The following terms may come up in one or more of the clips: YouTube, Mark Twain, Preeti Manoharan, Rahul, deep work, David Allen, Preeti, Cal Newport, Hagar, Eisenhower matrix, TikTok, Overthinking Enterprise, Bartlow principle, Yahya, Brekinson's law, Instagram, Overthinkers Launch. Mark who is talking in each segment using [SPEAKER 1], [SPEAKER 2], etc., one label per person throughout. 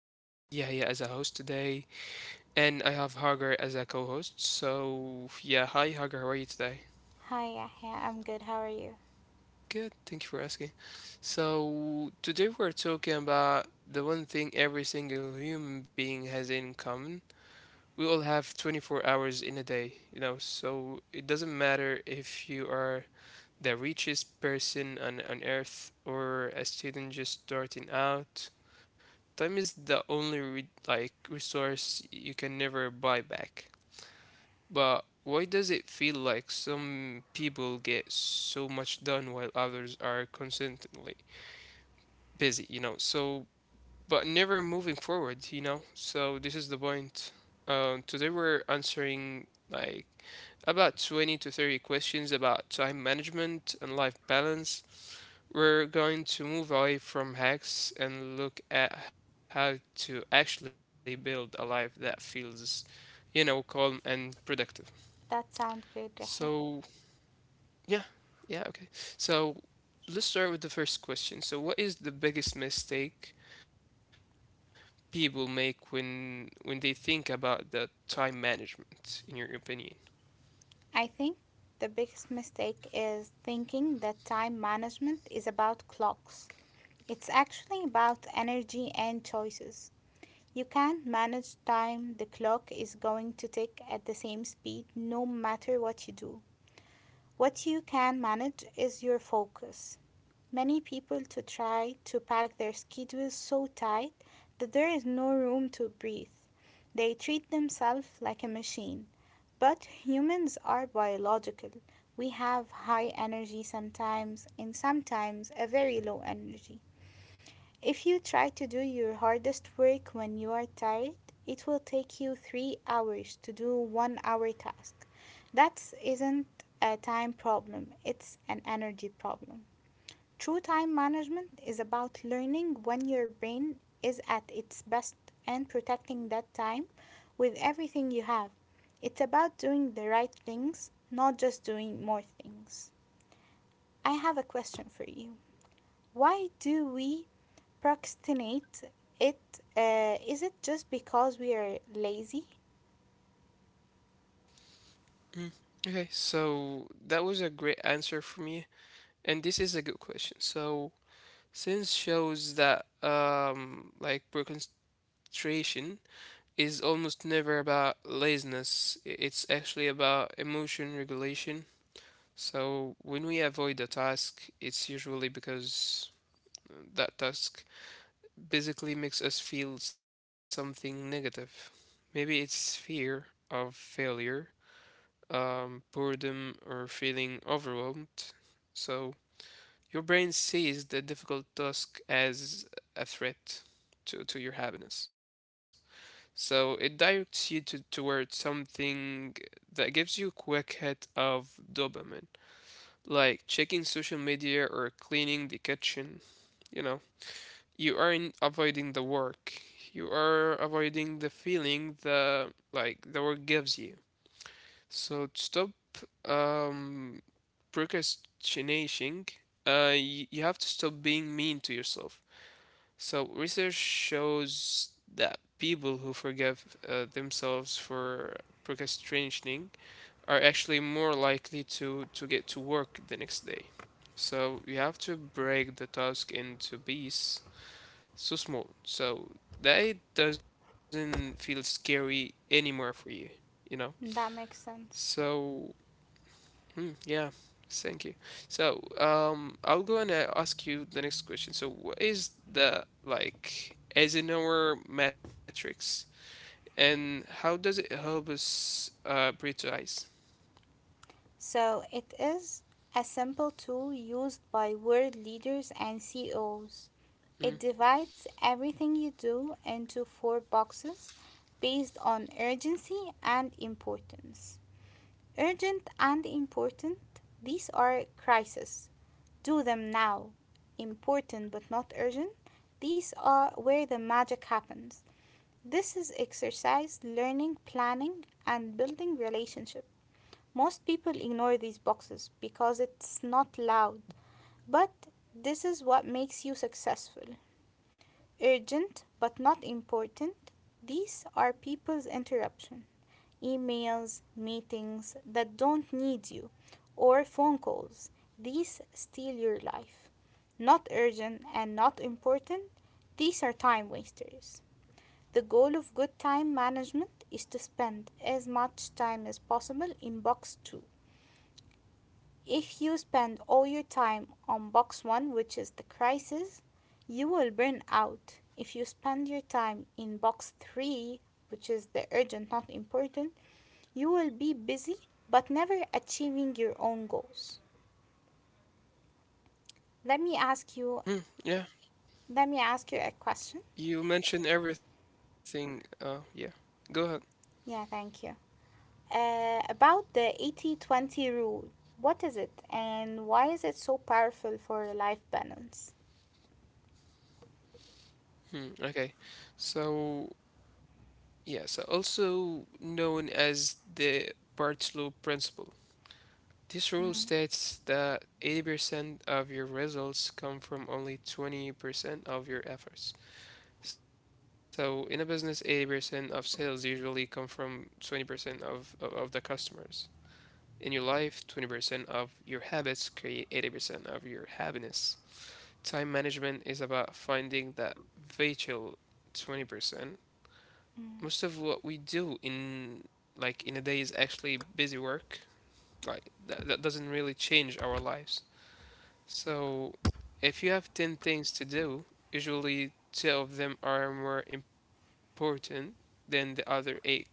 [SPEAKER 1] This is Yahya as a host today, and I have Hagar as a co host. So, yeah, hi Hagar, how are you today?
[SPEAKER 2] Hi, Yahya. I'm good. How are you?
[SPEAKER 1] Good, thank you for asking. So, today we're talking about the one thing every single human being has in common. We all have 24 hours in a day, so it doesn't matter if you are the richest person on earth or a student just starting out. Time is the only re like resource you can never buy back. But why does it feel like some people get so much done while others are constantly busy, you know? But never moving forward, you know? So this is the point. Today we're answering about 20 to 30 questions about time management and life balance. We're going to move away from hacks and look at how to actually build a life that feels, you know, calm and productive.
[SPEAKER 2] That sounds great,
[SPEAKER 1] So,
[SPEAKER 2] Yahya.
[SPEAKER 1] yeah, yeah, okay. So, let's start with the first question. So, what is the biggest mistake people make when they think about the time management, in your opinion?
[SPEAKER 2] I think the biggest mistake is thinking that time management is about clocks. It's actually about energy and choices. You can't manage time the clock is going to tick at the same speed no matter what you do. What you can manage is your focus. Many people to try to pack their schedules so tight that there is no room to breathe. They treat themselves like a machine. But humans are biological. We have high energy sometimes and sometimes a very low energy. If you try to do your hardest work when you are tired, it will take you 3 hours to do 1 hour task. That isn't a time problem, it's an energy problem. True time management is about learning when your brain is at its best and protecting that time with everything you have. It's about doing the right things, not just doing more things. I have a question for you. Why do we procrastinate it? Is it just because we are lazy?
[SPEAKER 1] Mm. Okay, so that was a great answer from you, and this is a good question. So, since shows that like procrastination frustration is almost never about laziness. It's actually about emotion regulation. So when we avoid a task, it's usually because that task basically makes us feel something negative. Maybe it's fear of failure, boredom, or feeling overwhelmed. So your brain sees the difficult task as a threat to your happiness. So it directs you toward something that gives you a quick hit of dopamine, like checking social media or cleaning the kitchen. You know, you aren't avoiding the work. You are avoiding the feeling that the work gives you. So to stop um, procrastinating, you have to stop being mean to yourself. So, research shows that people who forgive themselves for procrastinating are actually more likely to, get to work the next day. So, you have to break the task into pieces so small so that it doesn't feel scary anymore for you, you know?
[SPEAKER 2] That makes sense.
[SPEAKER 1] So, Hmm, yeah, Thank you. So, I'll go and ask you the next question. So, what is the Eisenhower matrix, and how does it help us prioritize?
[SPEAKER 2] So it is a simple tool used by world leaders and CEOs.
[SPEAKER 1] Hmm.
[SPEAKER 2] It divides everything you do into four boxes based on urgency and importance. Urgent and important, these are crises. Do them now. Important but not urgent, these are where the magic happens. This is exercise, learning, planning, and building relationships. Most people ignore these boxes because it's not loud, but this is what makes you successful. Urgent but not important, these are people's interruption. Emails, meetings that don't need you, or phone calls. These steal your life. Not urgent and not important, these are time wasters. The goal of good time management is to spend as much time as possible in box 2. If you spend all your time on box one, which is the crisis, you will burn out. If you spend your time in box three, which is the urgent, not important, you will be busy but never achieving your own goals. Let me ask you.
[SPEAKER 1] Hmm. Yeah,
[SPEAKER 2] Let me ask you a question.
[SPEAKER 1] you mentioned everything. Yeah, Go ahead.
[SPEAKER 2] Yeah, thank you. About the 80/20 rule, what is it and why is it so powerful for life balance?
[SPEAKER 1] Hmm. Okay, so Also known as the Bartlow principle.
[SPEAKER 2] Mm,
[SPEAKER 1] This rule states that 80% of your results come from only 20% of your efforts. So in a business, 80% of sales usually come from 20% of the customers. In your life, 20% of your habits create 80% of your happiness. Time management is about finding that vital 20%.
[SPEAKER 2] mm.
[SPEAKER 1] Most of what we do in in a day is actually busy work. That doesn't really change our lives. So, if you have 10 things to do, usually two of them are more important than the other eight combined.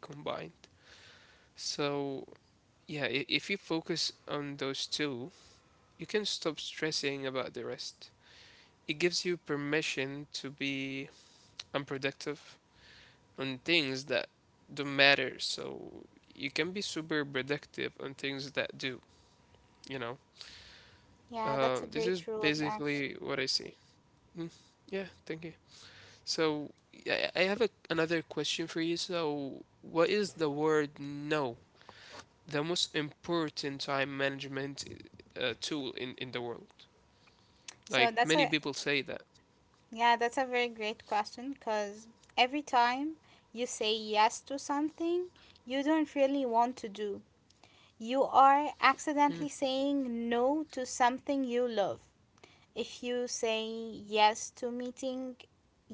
[SPEAKER 1] So, if you focus on those two, you can stop stressing about the rest. It gives you permission to be unproductive on things that don't matter. So, you can be super productive on things that do, you know.
[SPEAKER 2] Yeah, that's a
[SPEAKER 1] This is
[SPEAKER 2] great rule, actually.
[SPEAKER 1] basically what I see. Mm, yeah, thank you. So yeah, I have another question for you. So what is the word no, the most important time management tool in the world?
[SPEAKER 2] So
[SPEAKER 1] Like
[SPEAKER 2] that's
[SPEAKER 1] many
[SPEAKER 2] a,
[SPEAKER 1] people say that.
[SPEAKER 2] Yeah, that's a very great question because every time you say yes to something you don't really want to do, you are
[SPEAKER 1] Mm,
[SPEAKER 2] accidentally saying no to something you love. If you say yes to meeting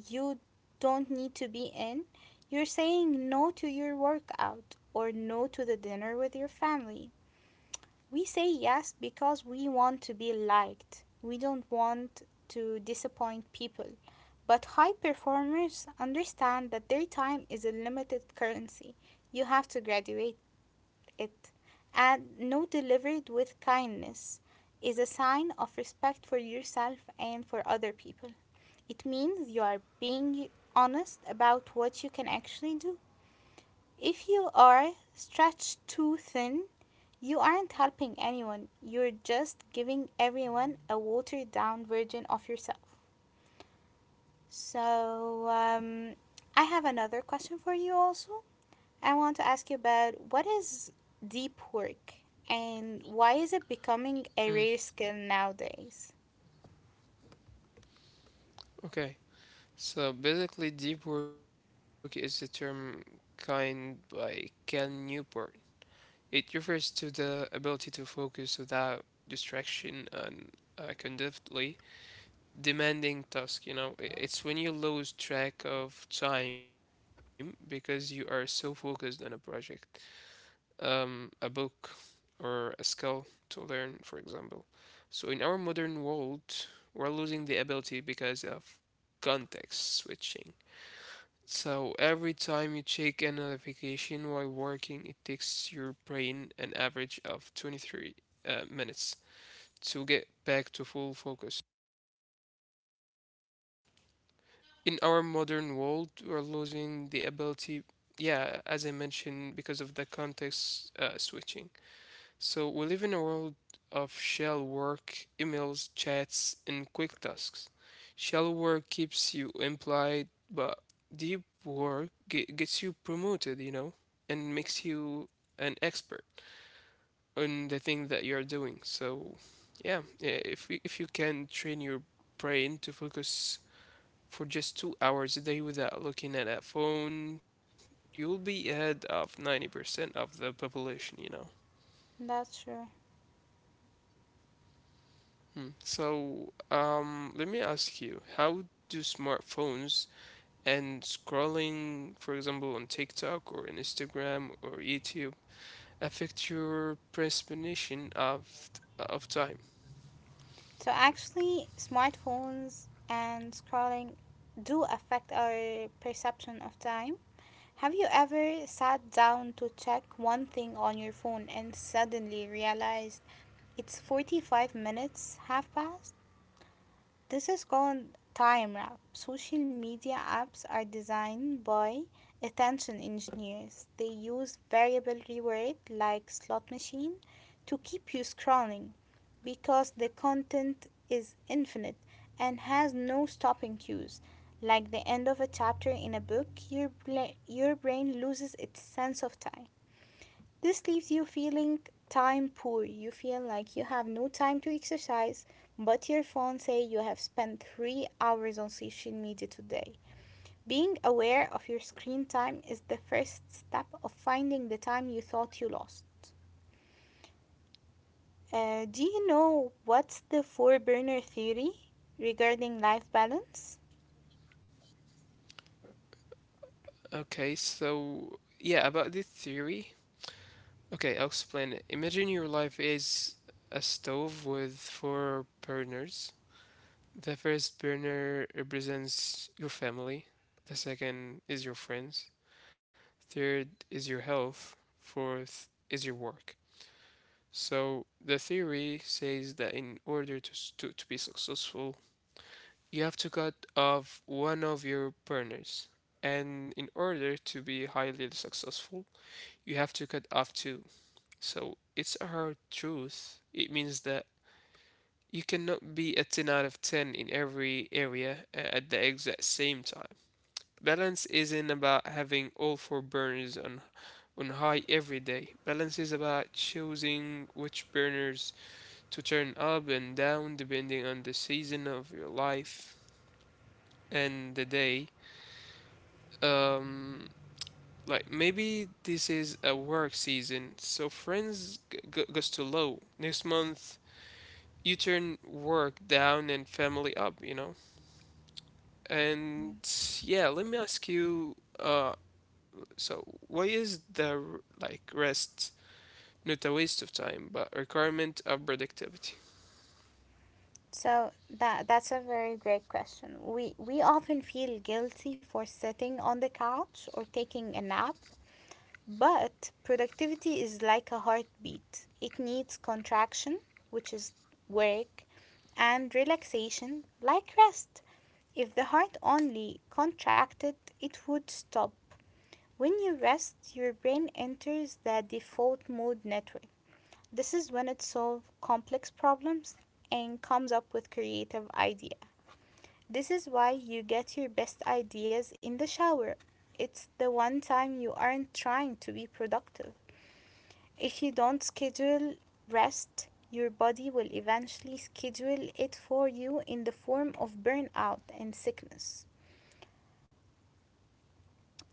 [SPEAKER 2] you don't need to be in, you're saying no to your workout or no to the dinner with your family. We say yes because we want to be liked. We don't want to disappoint people. But high performers understand that their time is a limited currency. You have to graduate it. And no delivered with kindness is a sign of respect for yourself and for other people. It means you are being honest about what you can actually do. If you are stretched too thin, you aren't helping anyone, you're just giving everyone a watered down version of yourself. So, I have another question for you also. I want to ask you about what is deep work and why is it becoming
[SPEAKER 1] mm,
[SPEAKER 2] a rare skill nowadays?
[SPEAKER 1] okay. So basically, deep work is a term coined by Cal Newport. It refers to the ability to focus without distraction and uh, demanding task, you know. It's when you lose track of time because you are so focused on a project, a book, or a skill to learn, for example. So in our modern world, we're losing the ability because of context switching. So every time you check a notification while working, it takes your brain an average of 23 minutes to get back to full focus. In our modern world, we're losing the ability, yeah, as I mentioned, because of the context switching. So we live in a world of shell work, emails, chats, and quick tasks. Shell work keeps you employed, but deep work gets you promoted, you know, and makes you an expert on the thing that you're doing. If you can train your brain to focus for just 2 hours a day without looking at a phone, you'll be ahead of 90% of the population, you know.
[SPEAKER 2] That's true.
[SPEAKER 1] Hmm. So, let me ask you, how do smartphones and scrolling, for example, on TikTok or Instagram or YouTube, affect your perception of time?
[SPEAKER 2] So, actually, smartphones and scrolling do affect our perception of time. Have you ever sat down to check one thing on your phone and suddenly realized it's 45 minutes half past? This is called time wrap. Social media apps are designed by attention engineers. They use variable reward like slot machine to keep you scrolling because the content is infinite and has no stopping cues. Like the end of a chapter in a book, your brain loses its sense of time. This leaves you feeling time poor. You feel like you have no time to exercise, but your phone says you have spent 3 hours on social media today. Being aware of your screen time is the first step of finding the time you thought you lost. Do you know what's the four burner theory regarding life balance?
[SPEAKER 1] Okay, so yeah, about this theory. Okay, I'll explain it. Imagine your life is a stove with four burners. The first burner represents your family. The second is your friends. Third is your health. Fourth is your work. So the theory says that in order to be successful, you have to cut off one of your burners. And in order to be highly successful, you have to cut off two. So it's a hard truth. It means that you cannot be a 10 out of 10 in every area at the exact same time. Balance isn't about having all four burners on high every day. Balance is about choosing which burners to turn up and down depending on the season of your life and the day. Um, like maybe this is a work season, so friends goes to low. Next month, you turn work down and family up. You know. And yeah, let me ask you, so why is the rest not a waste of time, but requirement of productivity?
[SPEAKER 2] So that's a very great question. We often feel guilty for sitting on the couch or taking a nap. But productivity is like a heartbeat. It needs contraction, which is work, and relaxation, like rest. If the heart only contracted, it would stop. When you rest, your brain enters the default mode network. This is when it solves complex problems and comes up with creative ideas. This is why you get your best ideas in the shower. It's the one time you aren't trying to be productive. If you don't schedule rest, your body will eventually schedule it for you in the form of burnout and sickness.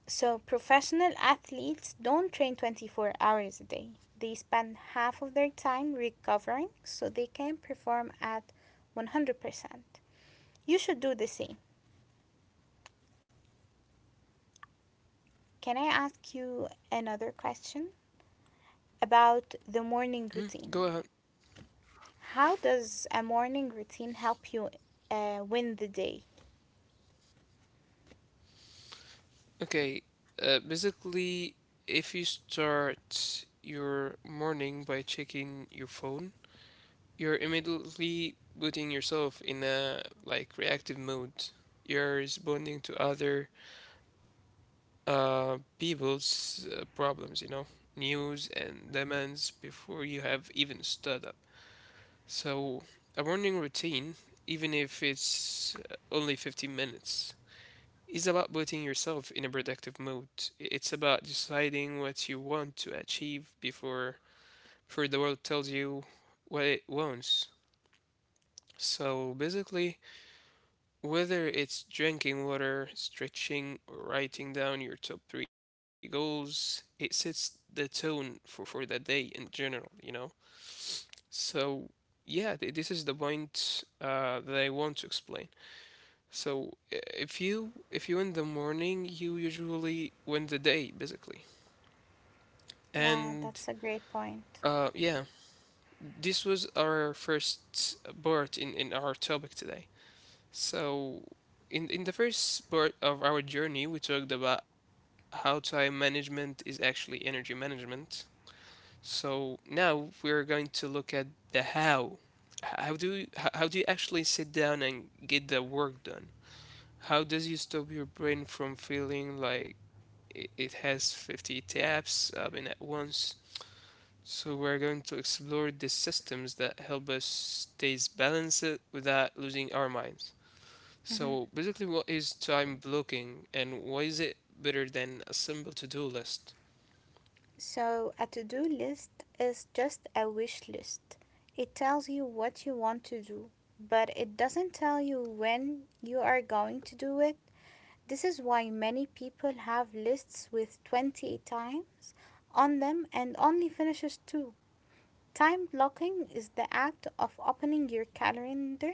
[SPEAKER 2] So, professional athletes don't train 24 hours a day. They spend half of their time recovering so they can perform at 100%. You should do the same. Can I ask you another question about the
[SPEAKER 1] Mm,
[SPEAKER 2] morning
[SPEAKER 1] go ahead.
[SPEAKER 2] routine? How does a morning routine help you win the day?
[SPEAKER 1] Okay, basically, if you start your morning by checking your phone, you're immediately putting yourself in a reactive mode. You're responding to other people's problems, you know, news and demands before you have even stood up. So, a morning routine, even if it's only 15 minutes, is about putting yourself in a productive mood. It's about deciding what you want to achieve before the world tells you what it wants. So, basically, whether it's drinking water, stretching, or writing down your top three goals, it sets the tone for that day in general, you know? So, this is the point that I want to explain. So, if you in the morning, you usually win the day basically.
[SPEAKER 2] Yeah,
[SPEAKER 1] And
[SPEAKER 2] that's a great point.
[SPEAKER 1] yeah, this was our first part in our topic today. So, in the first part of our journey, we talked about how time management is actually energy management. So now we're going to look at the how. How do you, how do you actually sit down and get the work done? How does you stop your brain from feeling like it has 50 tabs open at once? So we're going to explore the systems that help us stay balanced without losing our minds.
[SPEAKER 2] Mhm.
[SPEAKER 1] So basically, what is time blocking and why is it better than a simple to-do list?
[SPEAKER 2] So, a to do list is just a wish list. It tells you what you want to do, but it doesn't tell you when you are going to do it. This is why many people have lists with 20 times on them and only finishes two. Time blocking is the act of opening your calendar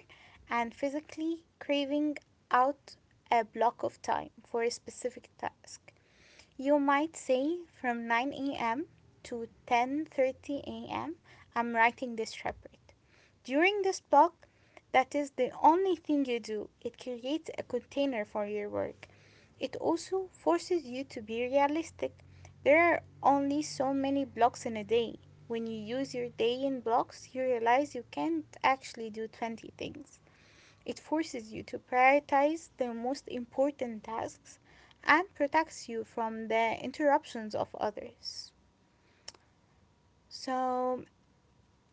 [SPEAKER 2] and physically craving out a block of time for a specific task. You might say from 9 a.m. to 10:30 a.m. I'm writing this report. During this block, that is the only thing you do. It creates a container for your work. It also forces you to be realistic. There are only so many blocks in a day. When you use your day in blocks, you realize you can't actually do 20 things. It forces you to prioritize the most important tasks and protects you from the interruptions of others. So,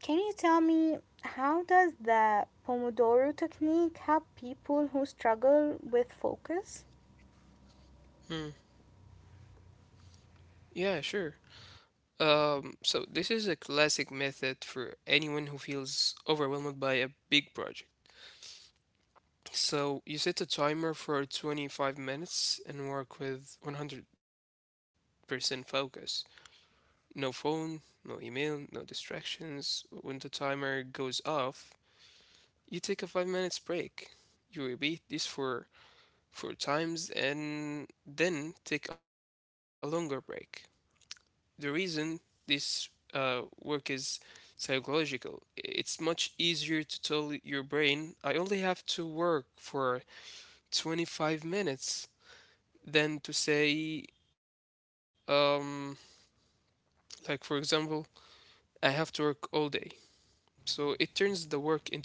[SPEAKER 2] can you tell me how does the Pomodoro technique help people who struggle with focus?
[SPEAKER 1] Hmm. Yeah, sure. So this is a classic method for anyone who feels overwhelmed by a big project. So you set a timer for 25 minutes and work with 100% focus. No phone, no email, no distractions. When the timer goes off, you take a 5 minutes break. You repeat this for four times and then take a longer break. The reason this work is psychological. It's much easier to tell your brain, I only have to work for 25 minutes than to say, um, like for example, I have to work all day. So it turns the work into a game.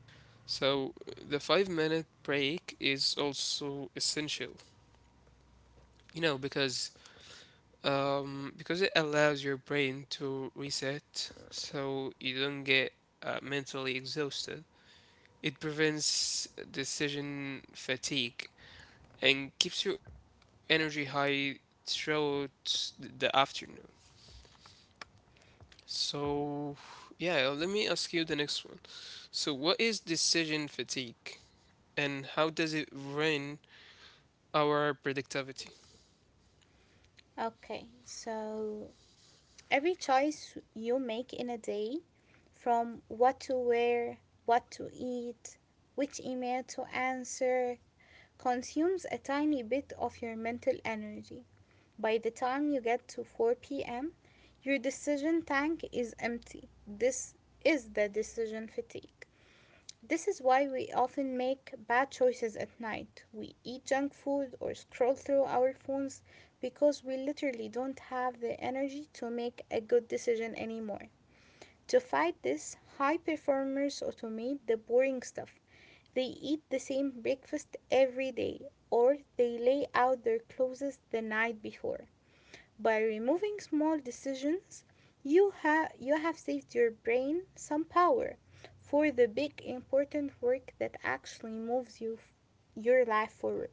[SPEAKER 1] So the 5 minute break is also essential, you know, because it allows your brain to reset so you don't get mentally exhausted. It prevents decision fatigue and keeps your energy high throughout the afternoon. So, yeah, let me ask you the next one. So, what is decision fatigue and how does it ruin our productivity?
[SPEAKER 2] Okay, so every choice you make in a day, from what to wear, what to eat, which email to answer, consumes a tiny bit of your mental energy. By the time you get to 4 p.m., your decision tank is empty. This is the decision fatigue. This is why we often make bad choices at night. We eat junk food or scroll through our phones because we literally don't have the energy to make a good decision anymore. To fight this, high performers automate the boring stuff. They eat the same breakfast every day or they lay out their clothes the night before. By removing small decisions, you have saved your brain some power for the big important work that actually moves your life forward.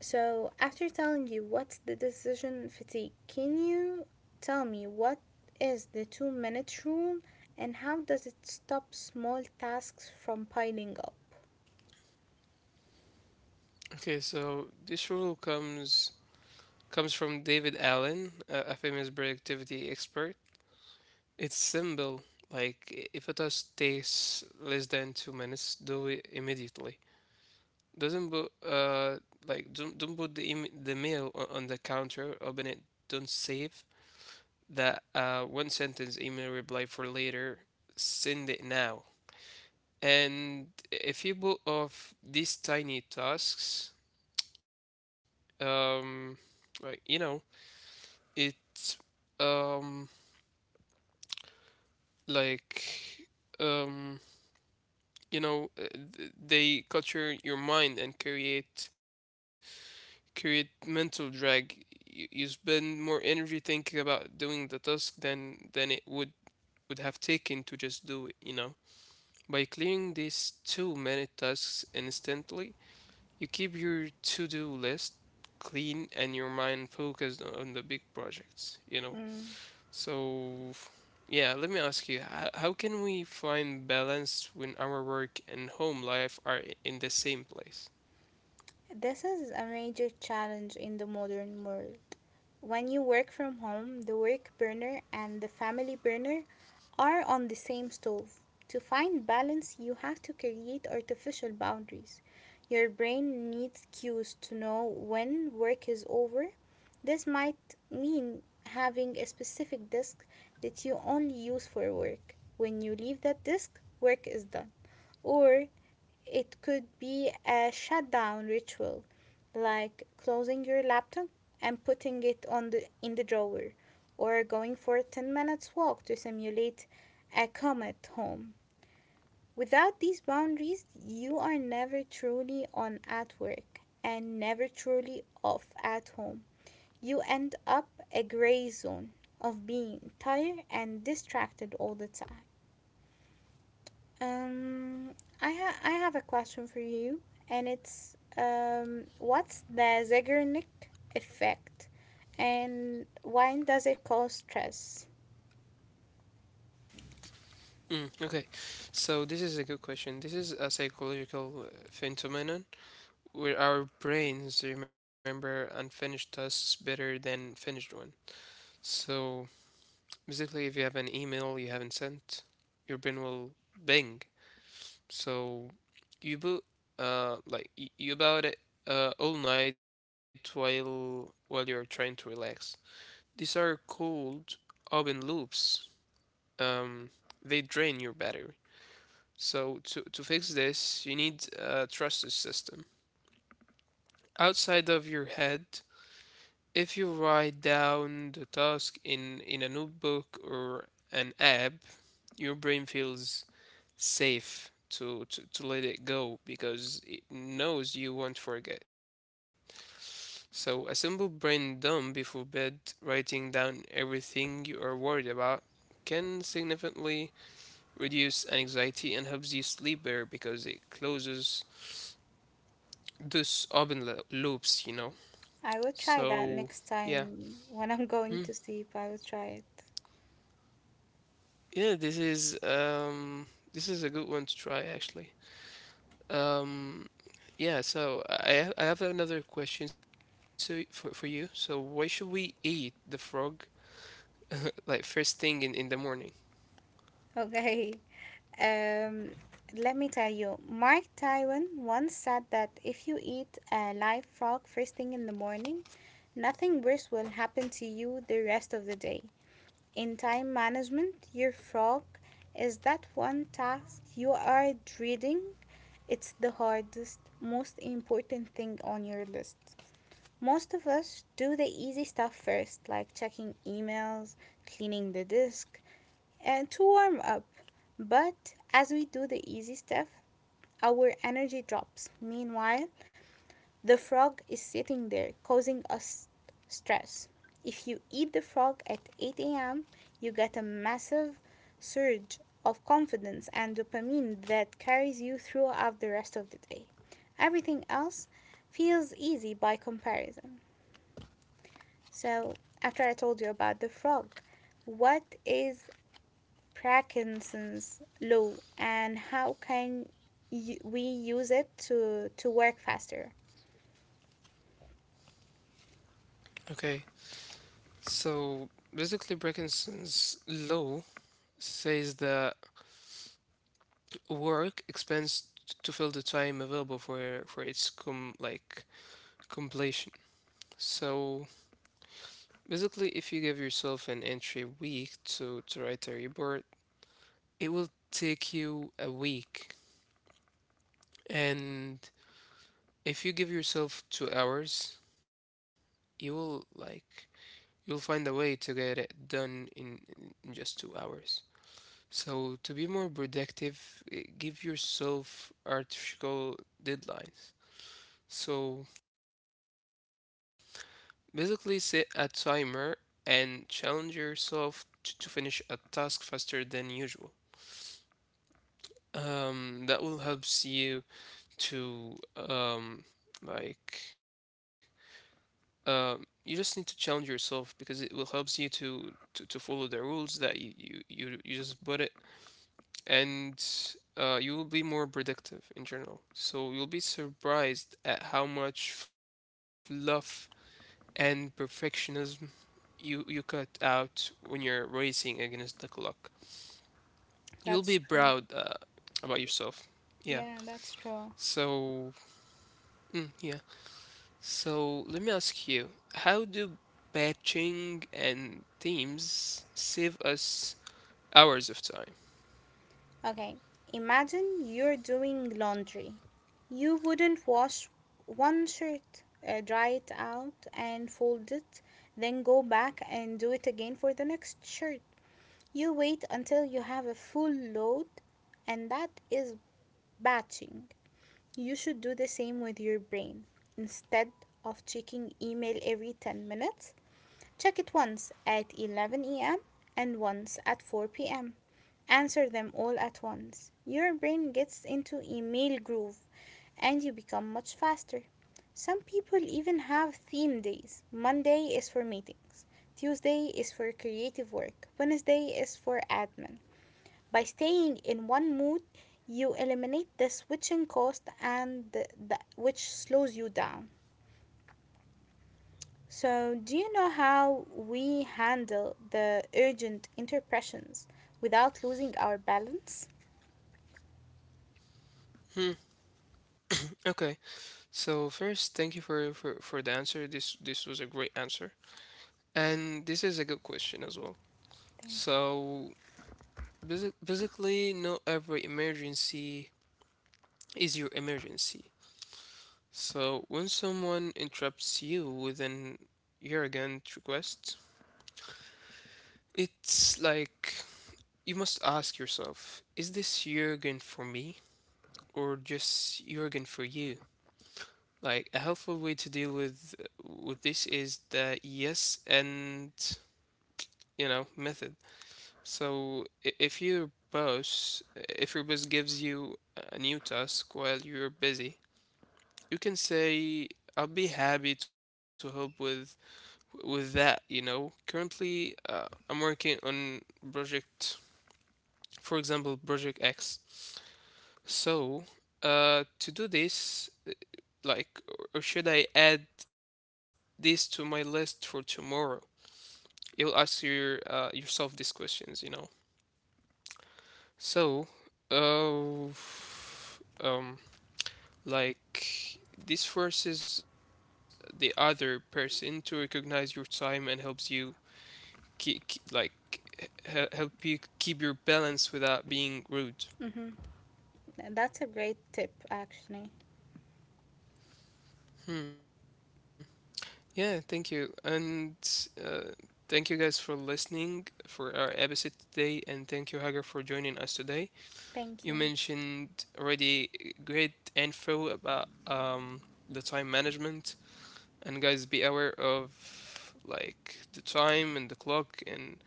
[SPEAKER 2] So, after telling you what's the decision fatigue, can you tell me what is the 2-minute rule and how does it stop small tasks from piling up?
[SPEAKER 1] Okay, so this rule comes from David Allen, a famous productivity expert. Its symbol, like if a task takes less than 2 minutes, do it immediately. Doesn't put don't put the the mail on the counter. Open it. Don't save that one sentence email reply for later. Send it now. And if you put off these tiny tasks, um, like you know, it, um like um you know uh, they culture your mind and create mental drag. You spend more energy thinking about doing the task than it would have taken to just do it. By clearing these two many tasks instantly, you keep your to-do list clean and your mind focused on the big projects. So, yeah, let me ask you, how can we find balance when our work and home life are in the same place?
[SPEAKER 2] This is a major challenge in the modern world. When you work from home, the work burner and the family burner are on the same stove. To find balance, you have to create artificial boundaries. Your brain needs cues to know when work is over. This might mean having a specific disk that you only use for work. When you leave that disk, work is done. Or it could be a shutdown ritual, like closing your laptop and putting it on the in the drawer, or going for a 10 minutes walk to simulate a comet home. Without these boundaries, you are never truly on at work and never truly off at home. You end up a gray zone of being tired and distracted all the time. Um, I have a question for you, and it's what's the Zeigarnik effect, and why does it cause stress?
[SPEAKER 1] Okay, so this is a good question. This is a psychological phenomenon where our brains remember unfinished tasks better than finished one. So, basically, if you have an email you haven't sent, your brain will bing. So you bu- you about it all night while you're trying to relax. These are called open loops. Um, they drain your battery. So to fix this, you need a trusted system. Outside of your head, if you write down the task in a notebook or an app, your brain feels safe to let it go because it knows you won't forget. So, a simple brain dump before bed, writing down everything you are worried about, can significantly reduce anxiety and helps you sleep better because it closes those open loops.
[SPEAKER 2] I will try that
[SPEAKER 1] So,
[SPEAKER 2] next
[SPEAKER 1] yeah.
[SPEAKER 2] time when I'm going
[SPEAKER 1] Hmm.
[SPEAKER 2] to sleep. I will try it.
[SPEAKER 1] Yeah, this is a good one to try actually. Um yeah, so I have another question for you. So, why should we eat the frog like first thing in the morning?
[SPEAKER 2] Okay. Um, let me tell you, Mark Twain once said that if you eat a live frog first thing in the morning, nothing worse will happen to you the rest of the day. In time management, your frog is that one task you are dreading. It's the hardest, most important thing on your list. Most of us do the easy stuff first, like checking emails, cleaning the disk, and to warm up. But as we do the easy stuff, our energy drops. Meanwhile, the frog is sitting there, causing us stress. If you eat the frog at 8 a.m., you get a massive surge of confidence and dopamine that carries you throughout the rest of the day. Everything else feels easy by comparison. So, after I told you about the frog, what is Parkinson's law and how can we use it to work faster?
[SPEAKER 1] Okay. So basically, Brekinson's law says that work expands to fill the time available for its completion. So basically, if you give yourself an entry week to write a report, it will take you a week. And if you give yourself 2 hours, you will you'll find a way to get it done in just 2 hours. So, to be more productive, give yourself artificial deadlines. So, basically, set a timer and challenge yourself to finish a task faster than usual. That will help you to, um, like, you just need to challenge yourself because it will helps you to follow the rules that you just put it, and you will be more predictive in general. So you'll be surprised at how much fluff and perfectionism you cut out when you're racing against the clock. You'll be
[SPEAKER 2] That's
[SPEAKER 1] proud
[SPEAKER 2] true.
[SPEAKER 1] about yourself. Yeah.
[SPEAKER 2] Yeah, that's true.
[SPEAKER 1] So yeah. So let me ask you, how do batching and teams save us hours of time?
[SPEAKER 2] Okay, imagine you're doing laundry. You wouldn't wash one shirt, dry it out, and fold it, then go back and do it again for the next shirt. You wait until you have a full load, and that is batching. You should do the same with your brain. Instead of checking email every 10 minutes, check it once at 11 a.m. and once at 4 p.m. Answer them all at once. Your brain gets into email groove and you become much faster. Some people even have theme days. Monday is for meetings. Tuesday is for creative work. Wednesday is for admin. By staying in one mood, you eliminate the switching cost and which slows you down. So, do you know how we handle the urgent interruptions without losing our balance?
[SPEAKER 1] Hmm. Okay. So first, thank you for the answer. This was a great answer, and this is a good question as well. So basically, not every emergency is your emergency. So when someone interrupts you with an urgent request, it's like you must ask yourself: is this urgent for me, or just urgent for you? Like a helpful way to deal with this is that yes and you know method. So if your boss, if your boss, gives you a new task while you're busy, you can say, I'll be happy to help with that, you know. Currently I'm working on project, for example, project X. So to do this, or should I add this to my list for tomorrow? You'll ask yourself these questions, you know. So, uh, um, like this forces the other person to recognize your time and helps you keep, like help you keep your balance without being
[SPEAKER 2] Mm-hmm.
[SPEAKER 1] rude.
[SPEAKER 2] That's a great tip, actually.
[SPEAKER 1] Hmm. Yeah, thank you. And uh, thank you guys for listening for our episode today. And thank you, Hagar, for joining us today.
[SPEAKER 2] Thank
[SPEAKER 1] You
[SPEAKER 2] you.
[SPEAKER 1] mentioned already great info about the time management. And guys, be aware of the time and the clock, and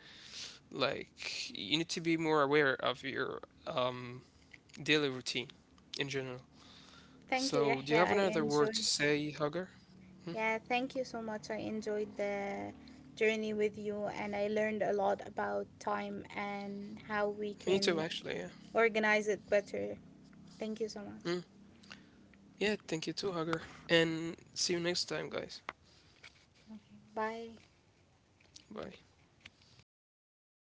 [SPEAKER 1] like you need to be more aware of your um, daily routine in general.
[SPEAKER 2] Thank you, Yahya.
[SPEAKER 1] So, do
[SPEAKER 2] I
[SPEAKER 1] you have another
[SPEAKER 2] enjoyed.
[SPEAKER 1] word to say, Hugger?
[SPEAKER 2] Yeah,
[SPEAKER 1] Hmm?
[SPEAKER 2] thank you so much. I enjoyed the journey with you, and I learned a lot about time and how we can
[SPEAKER 1] Me too, actually, yeah.
[SPEAKER 2] organize it better. Thank you so much.
[SPEAKER 1] Hmm. Yeah, thank you too, Hugger. And see you next time, guys.
[SPEAKER 2] Okay, bye.
[SPEAKER 1] Bye.